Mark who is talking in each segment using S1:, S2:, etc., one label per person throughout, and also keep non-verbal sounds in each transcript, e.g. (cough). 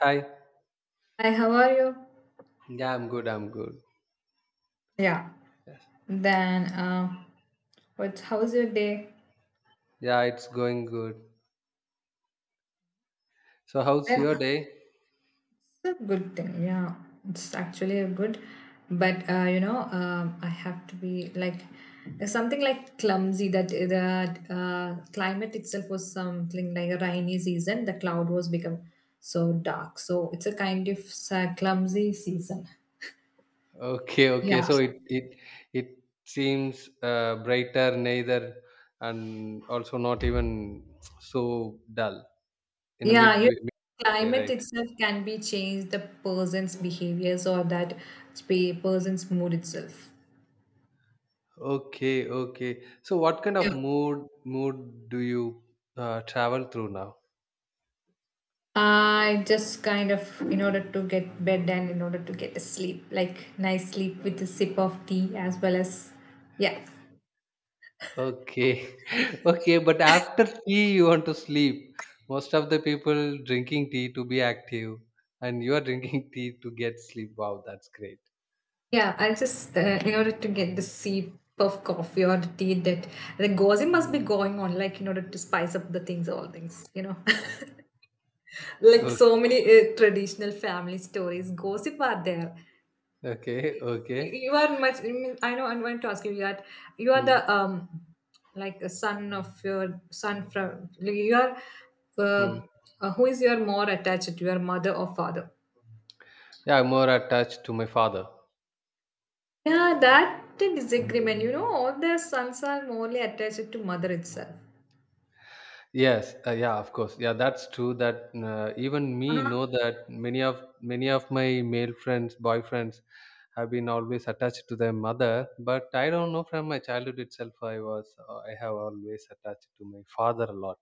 S1: Hi.
S2: Hi, how are you?
S1: Yeah, I'm good. I'm good.
S2: Yeah.
S1: Yes.
S2: Then, what? How's your day?
S1: Yeah, it's going good. So, how's your
S2: Then
S1: day?
S2: it's a good thing. Yeah, it's actually a good. But I have to be like there's something like clumsy that the climate itself was something like a rainy season. The cloud was become so dark. So it's a kind of clumsy season.
S1: Okay, okay.
S2: Yeah.
S1: So it seems brighter, neither, and also not even so dull in a
S2: Yeah, you
S1: midway, midway,
S2: climate
S1: right?
S2: itself can be changed, the person's behaviors or that person's mood itself.
S1: Okay, okay. So, what kind of mood do you travel through now?
S2: I just kind of, in order to get bed and in order to get a sleep, like nice sleep with a sip of tea as well as, yeah,
S1: Okay. (laughs) Okay, but after tea you want to sleep. Most of the people drinking tea to be active and you are drinking (laughs) tea to get sleep. Wow, that's great.
S2: yeah. I just in order to get the sip of coffee or the tea that the gossip must be
S1: Mm.
S2: going on, like in order to spice up the things, all things, you know, (laughs) like
S1: O-
S2: so many traditional family stories, gossip are there.
S1: Okay,
S2: You
S1: okay.
S2: you are much. I know. I'm going to ask you that. You are the
S1: Mm,
S2: like a son of your son from. Like, You are,
S1: mm.
S2: uh, who is your more attached to your mother or father?
S1: Yeah, I'm more attached to my father.
S2: Yeah, that disagreement. You know, all their sons are morely attached to mother itself.
S1: Yes, yeah, of course. Yeah, that's true. That even me know that many of my male friends, boyfriends, have been always attached to their mother. But I don't know. From my childhood itself, I have always attached to my father a lot.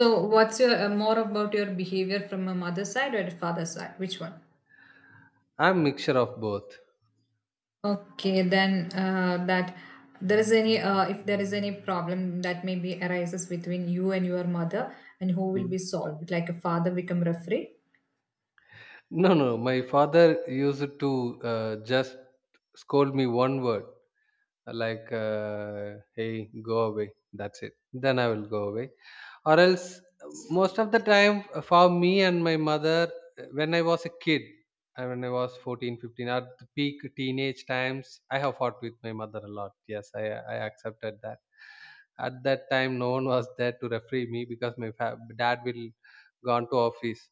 S2: So, what's your more about your behavior from a mother side or a father side? Which one?
S1: I'm mixture of both.
S2: Okay, then that there is any if there is any problem that maybe arises between you and your mother, and who will
S1: Mm.
S2: be solved? Like a father become referee.
S1: No, no. My father used to just scold me one word, like "Hey, go away." That's it. Then I will go away. Or else most of the time for me and my mother, when I was a kid, when I was 14, 15, at the peak teenage times I have fought with my mother a lot. Yes, I accepted that. At that time no one was there to referee me, because my dad will gone to office.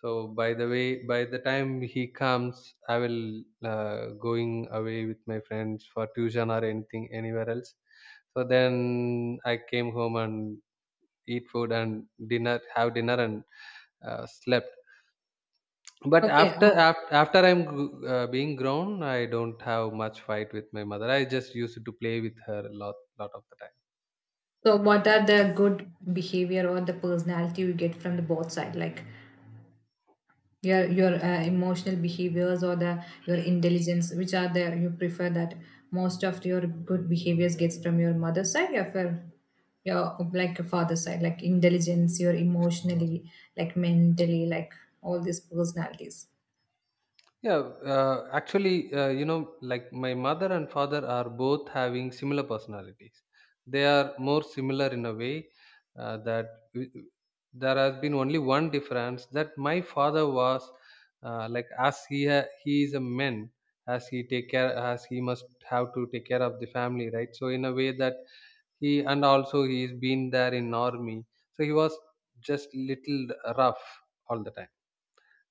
S1: So by the way, by the time he comes, I will going away with my friends for tuition or anything anywhere else. So then I came home and eat food and dinner have dinner and slept. But
S2: Okay,
S1: after after, after i'm gr- uh, being grown, I don't have much fight with my mother. I just used to play with her a lot, lot of the time.
S2: so what are the good behavior or the personality you get from the both side? Like your emotional behaviors or the your intelligence which are there you prefer that most of your good behaviors gets from your mother's side or from your like your father's side like intelligence your emotionally like mentally like all these personalities.
S1: Yeah, actually, you know, like my mother and father are both having similar personalities. They are more similar in a way, that w- there has been only one difference, that my father was, like as he is a man, as he take care, as he must have to take care of the family, right? So in a way that he, and also he's been there in army, so he was just little rough all the time.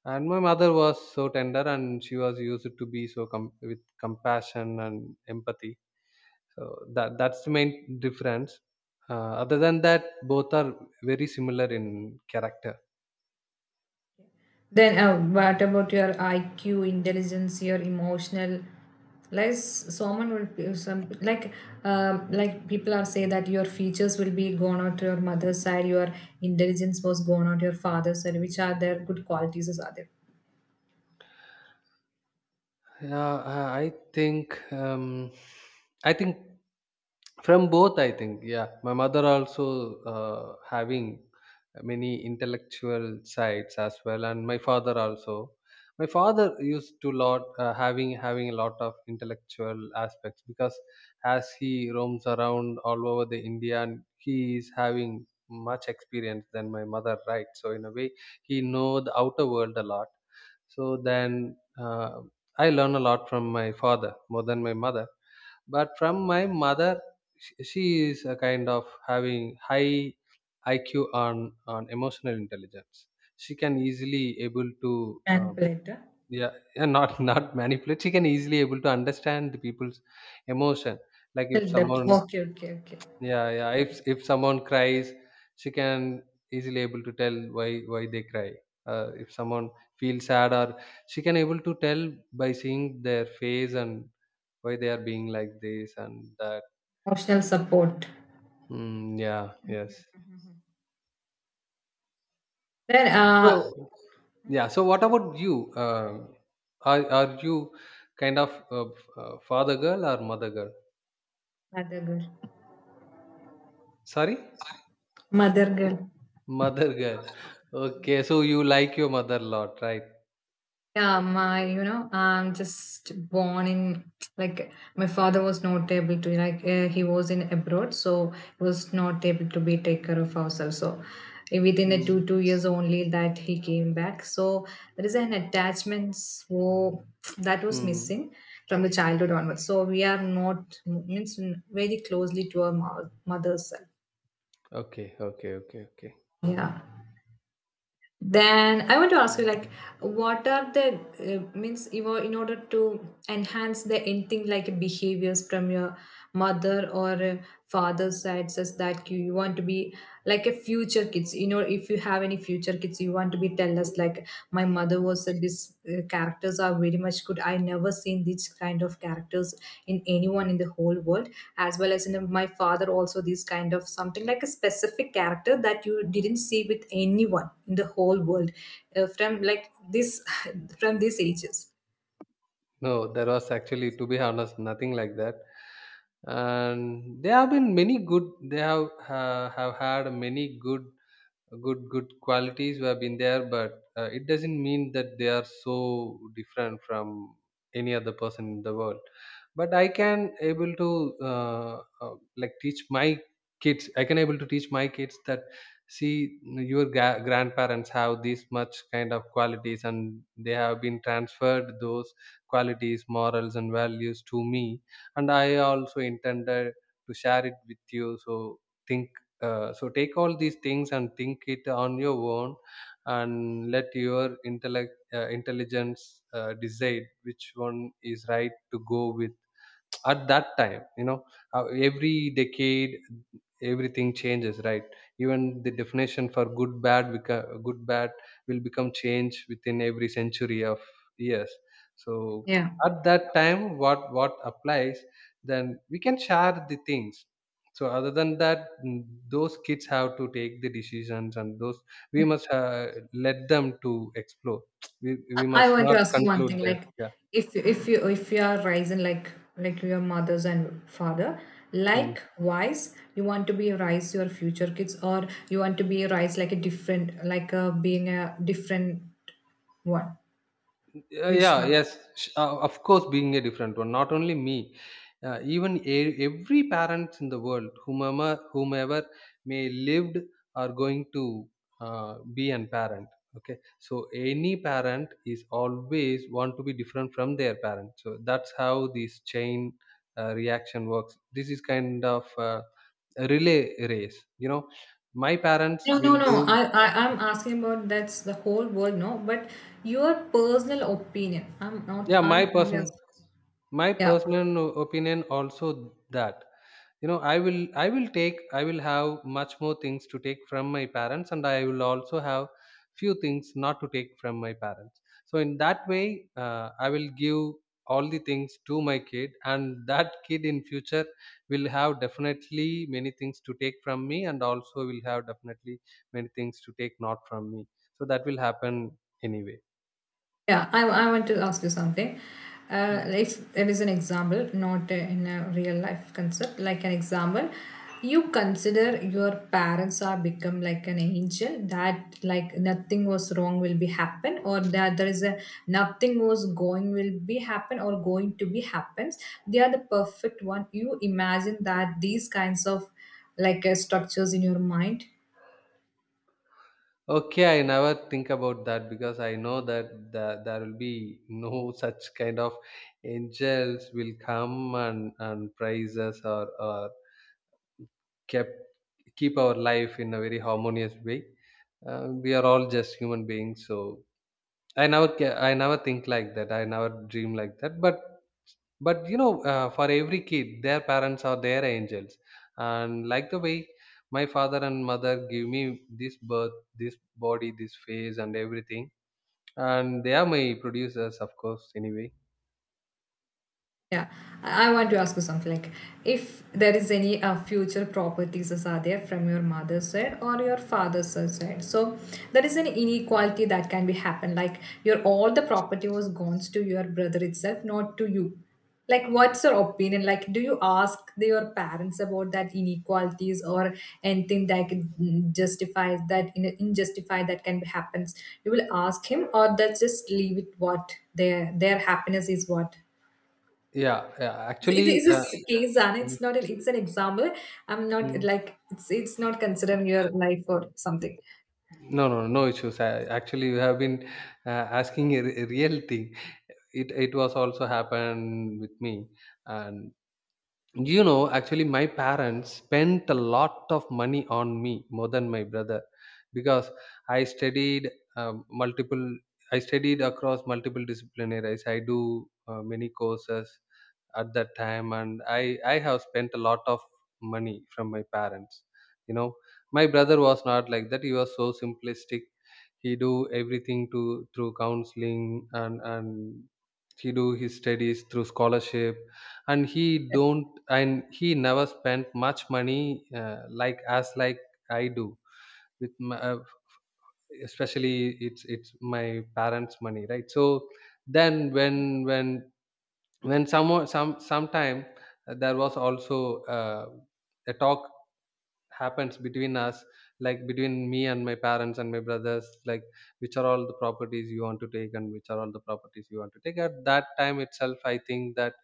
S1: And my mother was so tender, and she was used to be so with compassion and empathy. So that that's the main difference. Other than that, both are very similar in character.
S2: Then, what about your IQ, intelligence, your emotional? Like someone will be some like people are say that your features will be gone out to your mother's side, your intelligence was gone out to your father's side. Which are their good qualities? Are there
S1: Yeah, I think from both. I think, yeah, my mother also having many intellectual sides as well, and my father also. My father used to lot having a lot of intellectual aspects, because as he roams around all over the India, and he is having much experience than my mother, right? So in a way, he know the outer world a lot. So then I learn a lot from my father more than my mother. But from my mother, she is a kind of having high IQ on emotional intelligence. She can easily able to
S2: manipulator?
S1: yeah, yeah, not (laughs) not manipulate. She can easily able to understand the people's emotion. Like if
S2: Tell that.
S1: someone,
S2: Okay, okay, okay.
S1: yeah, yeah, if someone cries, she can easily able to tell why they cry. If someone feels sad, or she can able to tell by seeing their face and why they are being like this and that.
S2: Emotional support.
S1: Mm, yeah, yes.
S2: Then
S1: So yeah, so what about you? Um are you kind of, uh, father girl or mother girl?
S2: mother girl,
S1: Sorry,
S2: mother girl.
S1: mother girl. Okay, so you like your mother a lot, right?
S2: Yeah, my, you know, I'm just born in like my father was not able to like he was in abroad, so he was not able to be take care of ourselves. So within the two
S1: Mm.
S2: two years only that he came back. So there is an attachment so that was
S1: Mm.
S2: missing from the childhood onwards. So we are not means very closely to our mother's. Self.
S1: Okay, okay, okay, okay.
S2: Yeah. Then I want to ask you, like, what are the means in order to enhance the anything like behaviors from your mother or father's side, says that you want to be like a future kids. You know, if you have any future kids, you want to be tell us like my mother was that these characters are very much good. I never seen these kind of characters in anyone in the whole world as well as in my father also these kind of something like a specific character that you didn't see with anyone in the whole world from like this (laughs) from these ages.
S1: No, there was actually, to be honest, nothing like that. And there have been many good. They have had many good qualities have been there, but it doesn't mean that they are so different from any other person in the world. But I can able to like teach my kids, I can able to teach my kids that see your grandparents have this much kind of qualities, and they have been transferred those qualities, morals and values to me. And I also intended to share it with you. So think, so take all these things and think it on your own, and let your intellect intelligence decide which one is right to go with at that time. You know, every decade everything changes, right? Even the definition for good bad will become changed within every century of years. So
S2: Yeah,
S1: at that time, what applies, then we can share the things. So other than that, mm, those kids have to take the decisions. And those, we must let them to explore. (tsk) We
S2: I
S1: must
S2: want to
S1: not
S2: ask you one
S1: conclude
S2: thing.
S1: there.
S2: Like,
S1: Yeah.
S2: if you are rising like your mothers and father,
S1: Hmm.
S2: likewise, you want to be rise your future kids, or you want to be rise like a different like a being a different one. Which
S1: Yeah,
S2: one?
S1: yes, of course, being a different one. Not only me, even every parent in the world, whomever may lived are going to be an parent. Okay, so any parent is always want to be different from their parent. So that's how this chain reaction works. This is kind of a relay race. You know, my parents
S2: No, no,
S1: will
S2: no.
S1: do.
S2: I I'm asking about that's the whole world. No, but your personal opinion. I'm not.
S1: Yeah, my
S2: I'm only
S1: person,
S2: asking.
S1: my
S2: Yeah.
S1: personal opinion also that, you know, I will have much more things to take from my parents, and I will also have few things not to take from my parents. So in that way, I will give all the things to my kid, and that kid in future will have definitely many things to take from me, and also will have definitely many things to take not from me. So that will happen anyway.
S2: Yeah, I want to ask you something. If there is an example, not in a real life concept, like an example, you consider your parents are become like an angel that like nothing was wrong will be happen or that there is a nothing was going will be happen or going to be happens. They are the perfect one. You imagine that these kinds of like structures in your mind.
S1: Okay, I never think about that, because I know that there will be (laughs) no such kind of angels will come and praise us, or kept, keep our life in a very harmonious way. We are all just human beings, so I never think like that. I never dream like that. But you know, for every kid, their parents are their angels, and like the way my father and mother give me this birth, this body, this face, and everything, and they are my producers, of course, anyway.
S2: Yeah, I want to ask you something like if there is any future properties as are there from your mother's side or your father's side. So there is an inequality that can be happen like your all the property was gone to your brother itself, not to you. Like what's your opinion? Like do you ask the, your parents about that inequalities or anything that can justify that in injustify that can be happens? You will ask him or that's just leave it what their happiness is what?
S1: Yeah, yeah,
S2: It
S1: actually,
S2: is a case and
S1: mm,
S2: it's not an it's an example. I'm not
S1: mm,
S2: like it's not considering your life or something.
S1: no, no, no issues. I, actually you have been uh, asking a, a real thing. It was also happened with me. And you know, actually my parents spent a lot of money on me more than my brother, because I studied multiple I studied across multiple disciplinaries. I do many courses at that time, and I have spent a lot of money from my parents. You know, my brother was not like that. He was so simplistic. He do everything to through counseling. And he do his studies through scholarship. And he don't, and he never spent much money, like as like I do, with my, especially it's my parents money, right? So then when when, sometime, there was also, a talk happens between us, like between me and my parents and my brothers, like which are all the properties you want to take, and which are all the properties you want to take. At that time itself I think that,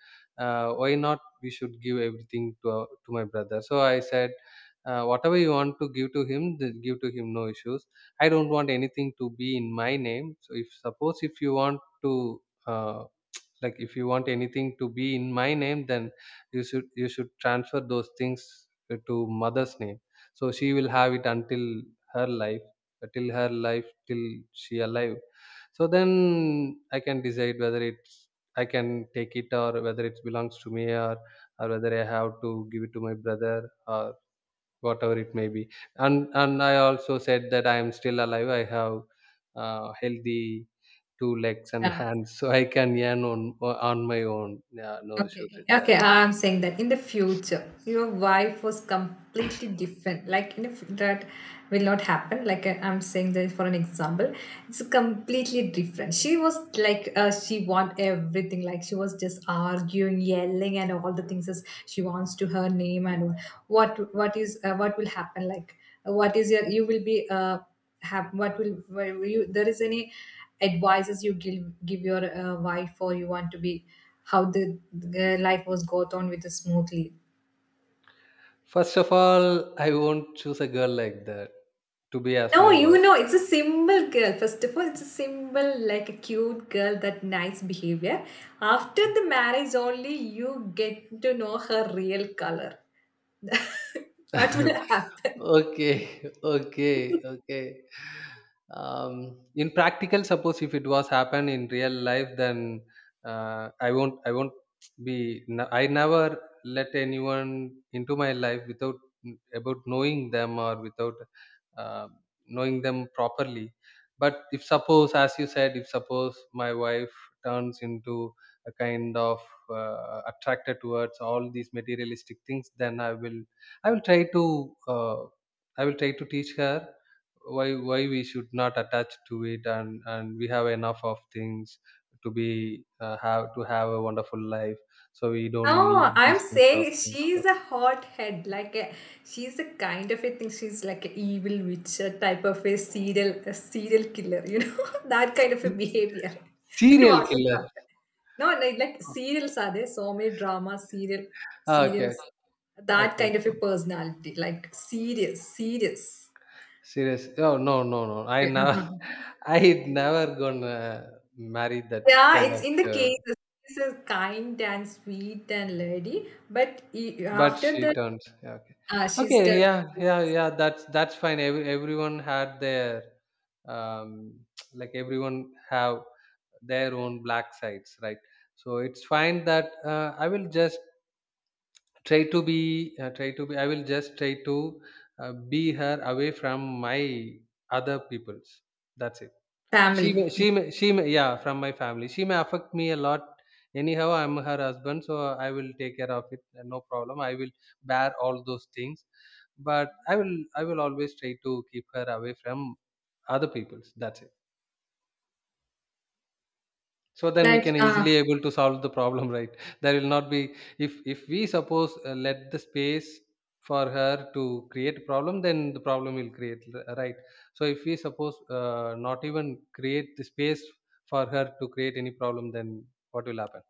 S1: why not we should give everything to to my brother. So I said, whatever you want to give to him, give to him, no issues. I don't want anything to be in my name. So if suppose if you want to, uh, like if you want anything to be in my name, then you should transfer those things, to mother's name. So she will have it until her life, till her life, till she alive. So then I can decide whether it's, I can take it, or whether it belongs to me, or whether I have to give it to my brother, or whatever it may be. And I also said that I am still alive. I have healthy two legs and (laughs)
S2: Yeah.
S1: hands, so I can yarn on my own. Yeah, no issues
S2: Okay,
S1: with that.
S2: okay, I'm saying that in the future, your wife was completely different. Like in the f that will not happen. Like I'm saying that for an example, it's completely different. She was like she want everything. Like she was just arguing, yelling, and all the things as she wants to her name and what is what will happen. Like what is your you will be have what will where will you there is any advices you give give your wife or you want to be how the life was got on with the smoothly.
S1: First of all, I won't choose a girl like that to be as
S2: No,
S1: my
S2: you
S1: wife.
S2: know it's a simple girl. First of all it's a simple like a cute girl that nice behavior. After the marriage only you get to know her real color. (laughs) What will
S1: (laughs)
S2: happen?
S1: Okay, (laughs) okay, okay. In practical, suppose if it was happen in real life, then I won't be. I never let anyone into my life without, mm, about knowing them, or without uh, knowing them properly. But if suppose, as you said, if suppose my wife turns into a kind of attracted towards all these materialistic things, then I will try to. I will try to teach her why we should not attach to it, and we have enough of things to be have to have a wonderful life, so we don't
S2: No,
S1: need
S2: I'm
S1: this much of
S2: saying
S1: things, so...
S2: she's a hot head. Like a, she's a kind of a thing. She's like an evil witch a type of a serial killer. You know (laughs) that kind of a behavior. (laughs) That was
S1: Serial
S2: what will
S1: killer?
S2: happen. No, like serials are there. So many drama serial
S1: Ah,
S2: serials.
S1: okay.
S2: That
S1: Okay.
S2: kind of a personality, like serious, serious.
S1: Serious? Oh, no, no, no, I
S2: Okay,
S1: never
S2: uh-huh.
S1: (laughs) I never gonna marry that
S2: Yeah,
S1: kind
S2: it's
S1: of
S2: in the
S1: girl.
S2: case. She's a kind and sweet and lady, but
S1: But
S2: after
S1: she
S2: that,
S1: turns. Yeah, okay.
S2: she's
S1: Okay.
S2: done.
S1: Yeah. Yeah. Yeah. That's fine. Everyone had their, um, (tsk) like everyone have their own black sides, right? So it's fine that, I will just try to be try to be. I will just try to, be her away from my other peoples. That's it.
S2: Family.
S1: She may, yeah, from my family. She may affect me a lot. Anyhow, I'm her husband, so I will take care of it. No problem. I will bear all those things. But I will always try to keep her away from other people's. That's it. So then we
S2: Like,
S1: can easily able to solve the problem, (laughs) right? There will not be, if we suppose, let the space for her to create a problem, then the problem will create, right? So if we suppose, not even create the space for her to create any problem, then what will happen?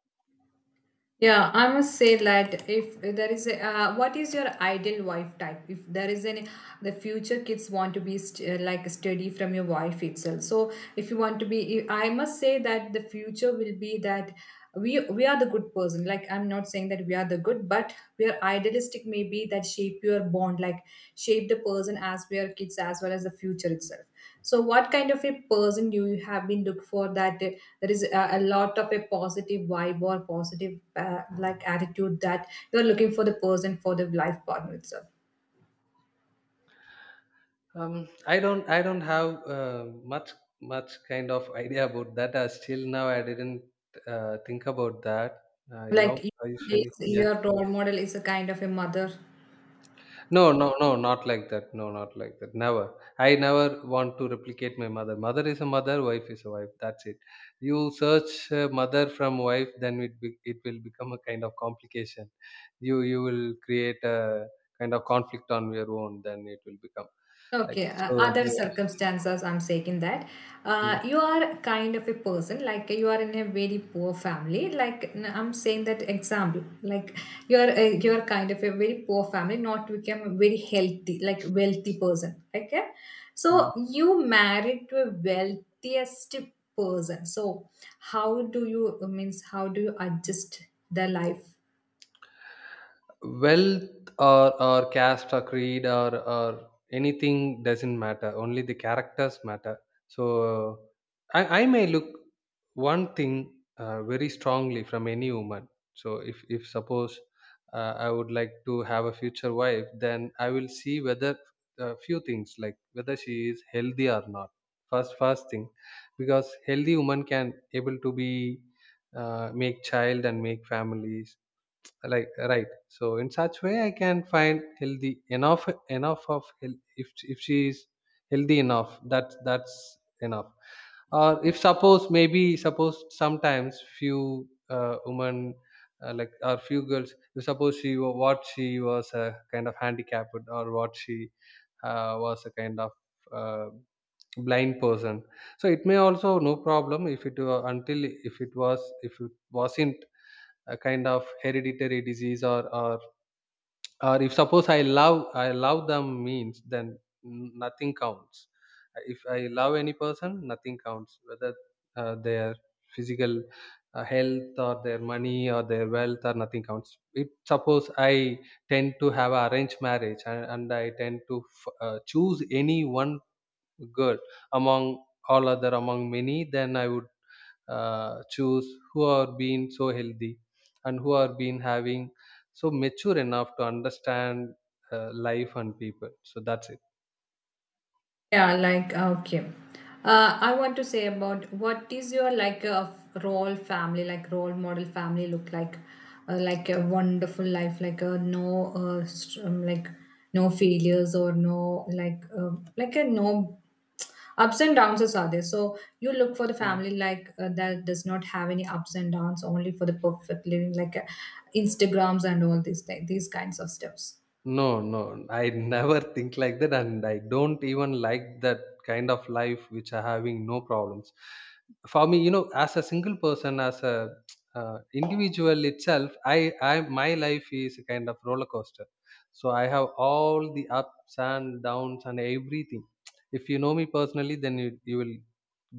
S2: yeah, I must say that if there is a, what is your ideal wife type? If there is any, the future kids want to be like steady from your wife itself. So if you want to be, I must say that the future will be that we are the good person. Like I'm not saying that we are the good, but where idealistic may be that shape your bond like shape the person as we are kids as well as the future itself. So what kind of a person you have been looked for that there is a lot of a positive vibe or positive like attitude that you are looking for the person for the life partner itself.
S1: I don't have, much much kind of idea about that. Still now I didn't, think about that. You know,
S2: Like you,
S1: I usually,
S2: is-
S1: yeah.
S2: your role model is a kind of a mother.
S1: No, no, no, not like that. No, not like that. Never. I never want to replicate my mother. Mother is a mother, wife is a wife. That's it. You search, mother from wife, then it be, it will become a kind of complication. You will create a kind of conflict on your own. Then it will become, like,
S2: Okay,
S1: so.
S2: other
S1: Yeah.
S2: circumstances, I'm saying that
S1: Mm-hmm.
S2: you are kind of a person, like you are in a very poor family. Like I'm saying that example, like you are kind of a very poor family, not become a very healthy, like wealthy person. Okay, so you married to a wealthiest person. So how do you means how do you adjust the life?
S1: Wealth or caste or creed or anything doesn't matter, only the characters matter. So, uh, I may look one thing, very strongly from any woman. So if suppose, I would like to have a future wife, then I will see whether a few things, like whether she is healthy or not. First thing, because healthy woman can able to be, make child and make families, like, right? So in such way I can find healthy enough, if she is healthy enough, that that's enough. Or if suppose, maybe suppose sometimes, few women, like, or few girls. If suppose she what she was a kind of handicapped, or what she, was a kind of, uh, blind person. So it may also no problem, if it were, until if it was, if it wasn't a kind of hereditary disease. Or or if suppose I love them, means, then nothing counts. If I love any person, nothing counts, whether, their physical, health, or their money or their wealth, or nothing counts. If suppose I tend to have a arranged marriage, and I tend to choose any one girl, among all other, among many, then I would, choose who are being so healthy, and who are being having so mature enough to understand, life and people. So that's
S2: Yeah, like okay. I want to say about what is your like a role family, like role model family look like a wonderful life, like a no, like no failures or no like like a no ups and downs is are there. So you look for the
S1: it.
S2: family like that does not have any ups and downs, only for the perfect living, like Instagrams and all these like these kinds of stuff.
S1: No, no, I never think like that, and I don't even like that kind of life which are having no problems. For me, you know, as a single person, as a, individual itself, my life is a kind of roller coaster. So I have all the ups and downs and everything. If you know me personally, then you will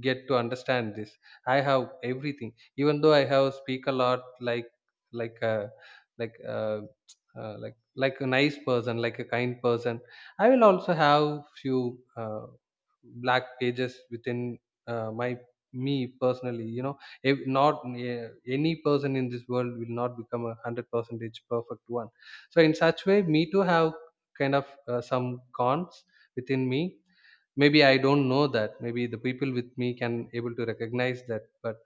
S1: get to understand this. I have everything, even though I have speak a lot, like a, like. A, like a nice person, like a kind person, I will also have few black pages within, my me personally, you know. If not, any person in this world will not become a hundred percentage perfect one. So in such way, me too have kind of, some cons within me. Maybe I don't know that, maybe the people with me can able to recognize that,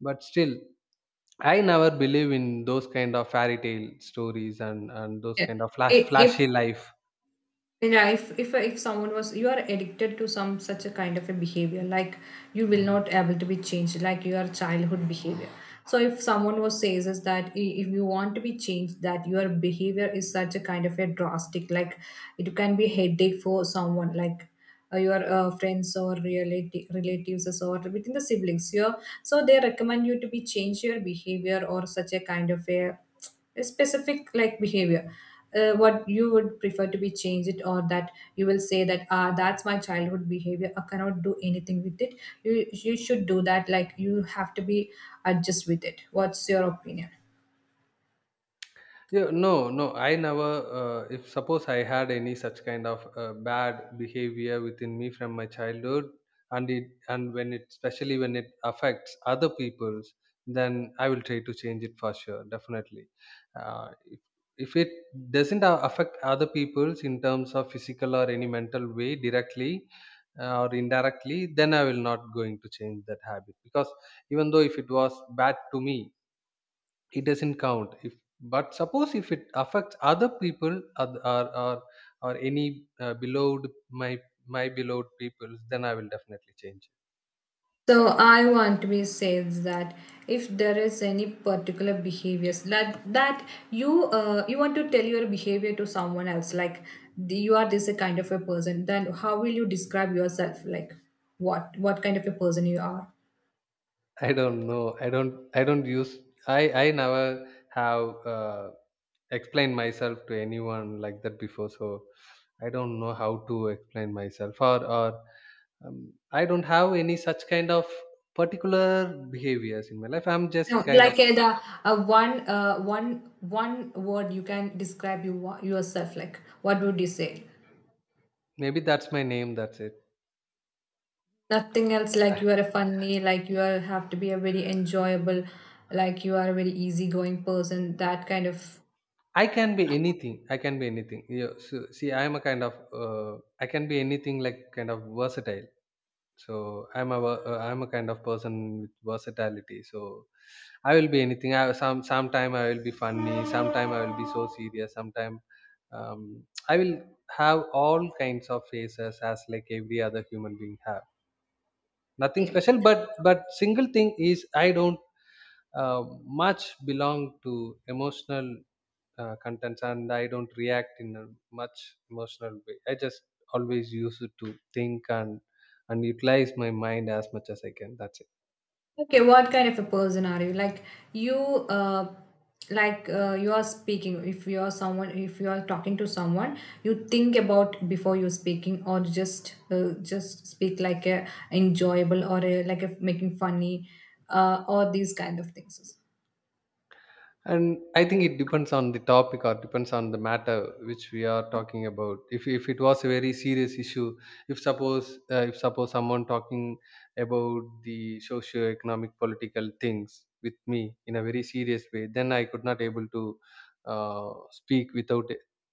S1: but still I never believe in those kind of fairy tale stories, and those
S2: Yeah.
S1: kind of
S2: If
S1: flashy life.
S2: yeah, if someone was you are addicted to some such a kind of a behavior, like you will not able to be changed, like your childhood behavior. So if someone was says is that if you want to be changed, that your behavior is such a kind of a drastic, like it can be headache for someone, like your friends or relative relatives or within the siblings. Your so they recommend you to be change your behavior or such a kind of a specific like behavior what you would prefer to be changed it, or that you will say that ah that's my childhood behavior. I cannot do anything with it. You should do that like you have to be adjust with it. What's your opinion?
S1: Yeah, no, no. I never. If suppose I had any such kind of, bad behavior within me from my childhood, and it, and when it, especially when it affects other people's, then I will try to change it, for sure, definitely. Uh, if if it doesn't affect other people's, in terms of physical or any mental way, directly, or indirectly, then I will not going to change that habit, because even though if it was bad to me, it doesn't count. If but suppose if it affects other people, or any, beloved, my beloved people, then I will definitely change.
S2: So I want to be says that if there is any particular behaviors that that you you want to tell your behavior to someone else, like you are this kind of a person, then how will you describe yourself? Like what kind of a person you are?
S1: I don't know, I don't use, I never have, uh, explained myself to anyone like that before. So I don't know how to explain myself, or, um, I don't have any such kind of particular behaviors in my life. I'm just
S2: No,
S1: kind of,
S2: like the one one one word you can describe yourself. Like what would you say?
S1: maybe that's my name, that's it.
S2: Nothing else, like you are a funny, like you are have to be a very enjoyable, like you are a very easygoing person, that kind of
S1: I can be anything. I can be anything. Yeah, so, see, I am a kind of, I can be anything, like, kind of versatile. So I'm a I'm a kind of person with versatility. So I will be anything. I, sometime I will be funny. Sometime I will be so serious. Sometime, um, I will have all kinds of faces, as like every other human being have. Nothing
S2: game.
S1: special, but single thing is, I don't, much belong to emotional, contents, and I don't react in a much emotional way. I just always use it to think and utilize my mind as much as I can, that's it.
S2: Okay, what kind of a person are you? Like you like you are speaking, if you are someone, if you are talking to someone, you think about before you speaking, or just speak like a enjoyable or a, like a making funny, or these kind of things.
S1: And I think it depends on the topic, or depends on the matter which we are talking about. If it was a very serious issue, if suppose someone talking about the socio economic political things with me in a very serious way, then I could not able to, uh, speak without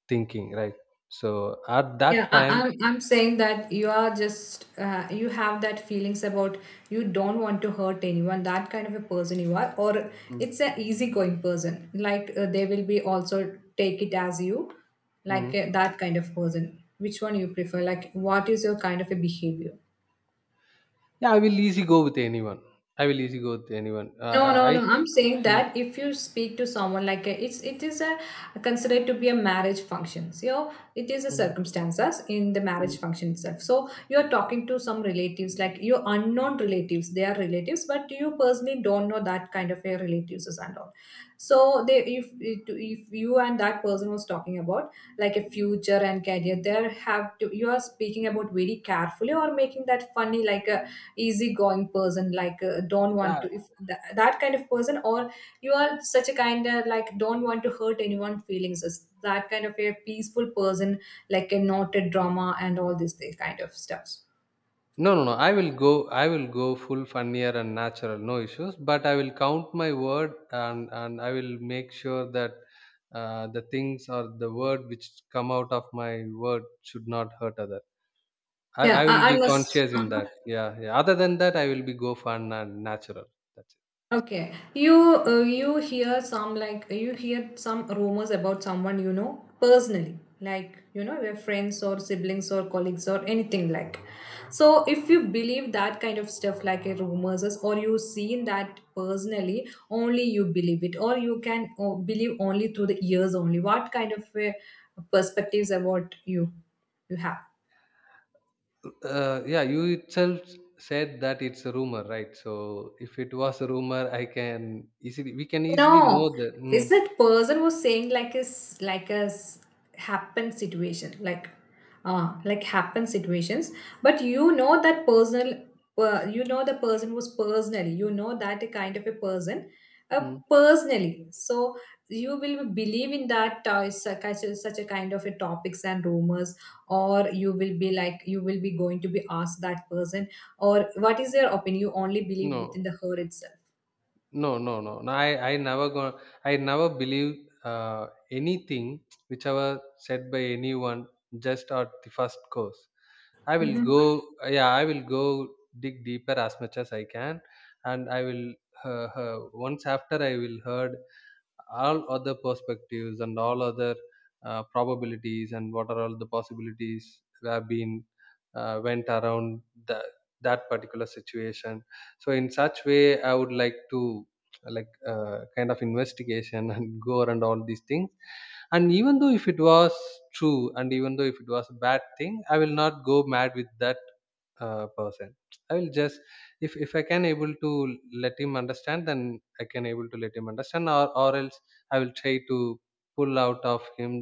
S1: thinking, right? So at
S2: Yeah,
S1: that
S2: I,
S1: time,
S2: I'm I'm saying that you are just you have that feelings about you don't want to hurt anyone. That kind of a person you are, or
S1: mm,
S2: it's an easygoing person. Like they will be also take it as you, like
S1: mm,
S2: that kind of person. Which one you prefer? Like what is your kind of a behavior?
S1: yeah, I will easy go with anyone. I will easy go with anyone,
S2: No, no,
S1: I.
S2: no. I'm saying
S1: Mm,
S2: that if you speak to someone like a, it is a considered to be a marriage function. So you know, it is a
S1: mm,
S2: circumstances in the marriage
S1: mm.
S2: function itself. So you are talking to some relatives, like your unknown relatives. They are relatives, but you personally don't know that kind of a relatives and all. So they, if you and that person was talking about like a future and career, there have to you are speaking about very carefully, or making that funny like a easygoing person, like don't want
S1: Yeah.
S2: to, if that, that kind of person, or you are such a kind of, like, don't want to hurt anyone feelings, is that kind of a peaceful person, like a noted drama and all this these kind of stuffs.
S1: No, no, no. I will go. I will go full funnier and natural, no issues. But I will count my word, and I will make sure that, the things or the word which come out of my word should not hurt other.
S2: Yeah,
S1: I will
S2: I
S1: be
S2: must
S1: conscious in that. Yeah, yeah. Other than that, I will be go fun and natural. That's
S2: Okay, you you hear some, like you hear some rumors about someone you know personally, like you know your friends or siblings or colleagues or anything like. So if you believe that kind of stuff like a rumors is-, or you seen that personally, only you believe it, or you can believe only through the ears only. What kind of perspectives about you have?
S1: it. Yeah, you itself said that it's a rumor, right? So if it was a rumor, I can easily, we can easily
S2: No,
S1: know that.
S2: is
S1: Mm,
S2: that person was saying like is like a s- happen situation, like happen situations, but you know that personal you know the person was personally, you know that kind of a person
S1: mm,
S2: personally. So you will believe in that such a, such a kind of a topics and rumors, or you will be, like you will be going to be asked that person, or what is their opinion? You only believe
S1: no.
S2: within the her itself.
S1: No, no, no. No, I never go. I never believe, anything which ever said by anyone, just at the first course. I will go. Yeah, I will go dig deeper as much as I can, and I will. Once after I will heard all other perspectives and all other, probabilities, and what are all the possibilities that have been, went around the, that particular situation. So in such way I would like to, kind of investigation (laughs) and go around all these things. And even though if it was true, and even though if it was a bad thing, I will not go mad with that, person. I will just, if I can able to let him understand, then I can able to let him understand. Or else I will try to pull out of him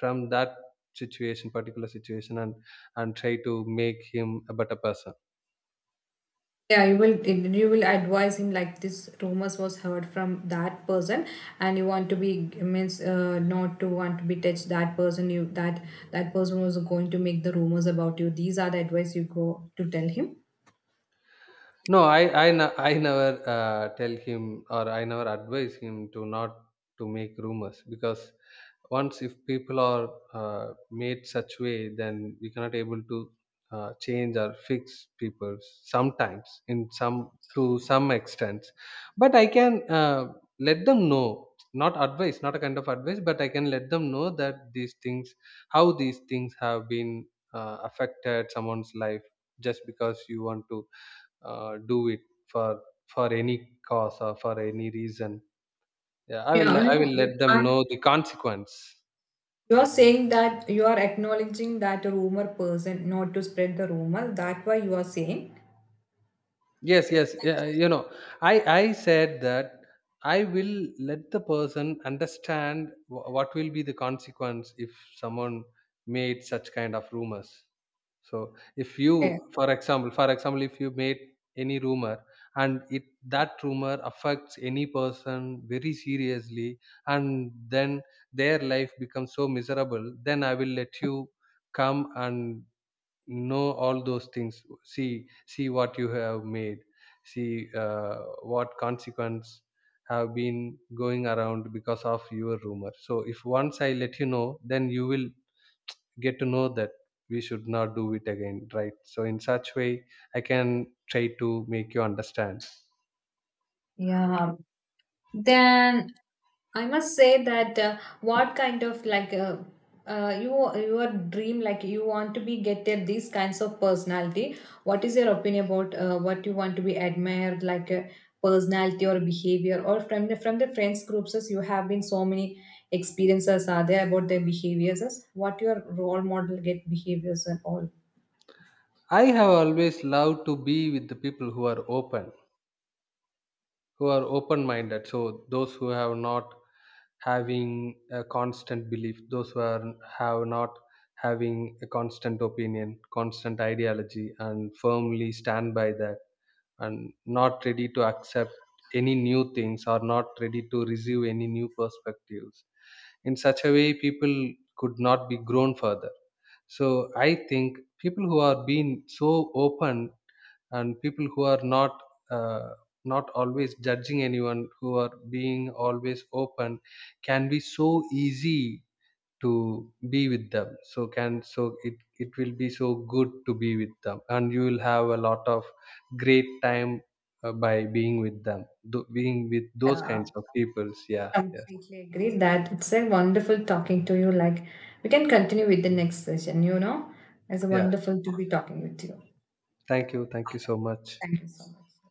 S1: from that situation, particular situation, and try to make him a better person.
S2: Yeah, you will advise him like this rumors was heard from that person, and you want to be means not to want to be touched that person. You that that person was going to make the rumors about you. These are the advice you go to tell him.
S1: No, I I never, tell him, or I never advise him to not to make rumors, because once if people are, made such way, then we cannot able to, change or fix people sometimes, in some, to some extent. But I can, let them know, not advice, not a kind of advice, but I can let them know that these things, how these things have been, affected someone's life, just because you want to, do it for for any cause or for any reason. Yeah,
S2: Yeah,
S1: I
S2: no,
S1: will
S2: you
S1: let them
S2: are
S1: know the consequence.
S2: you are saying that you are acknowledging that rumor person not to spread the rumor. That why you are saying.
S1: Yes, yes, yeah, you know, I said that I will let the person understand, what will be the consequence if someone made such kind of rumors. So if
S2: Yeah.
S1: you, for example, for example, if you made any rumor, and it, that rumor affects any person very seriously, and then their life becomes so miserable, then I will let you come and know all those things. See, see what you have made. See, what consequence have been going around because of your rumor. So if once I let you know, then you will get to know that we should not do it again, right? So in such way I can try to make you understand.
S2: Yeah. Then I must say that what kind of like you your dream, like you want to be getted these kinds of personality. What is your opinion about what you want to be admired, like personality or behavior, or from the friends groups, as you have been so many experiences are there about their behaviors, as what your role model get behaviors and all.
S1: I have always loved to be with the people who are open, who are open minded. So those who have not having a constant belief, those who are have not having a constant opinion, constant ideology, and firmly stand by that, and not ready to accept any new things, or not ready to receive any new perspectives, in such a way people could not be grown further. So I think people who are being so open, and people who are not, uh, not always judging anyone, who are being always open, can be so easy to be with them. So can, so it will be so good to be with them, and you will have a lot of great time, by being with them, being with those
S2: Yeah,
S1: kinds of peoples, yeah.
S2: I
S1: Yes,
S2: completely agree that it's a wonderful talking to you. Like we can continue with the next session, you know. It's
S1: yeah,
S2: wonderful to be talking with you.
S1: thank you, thank you so much.
S2: Thank you so much.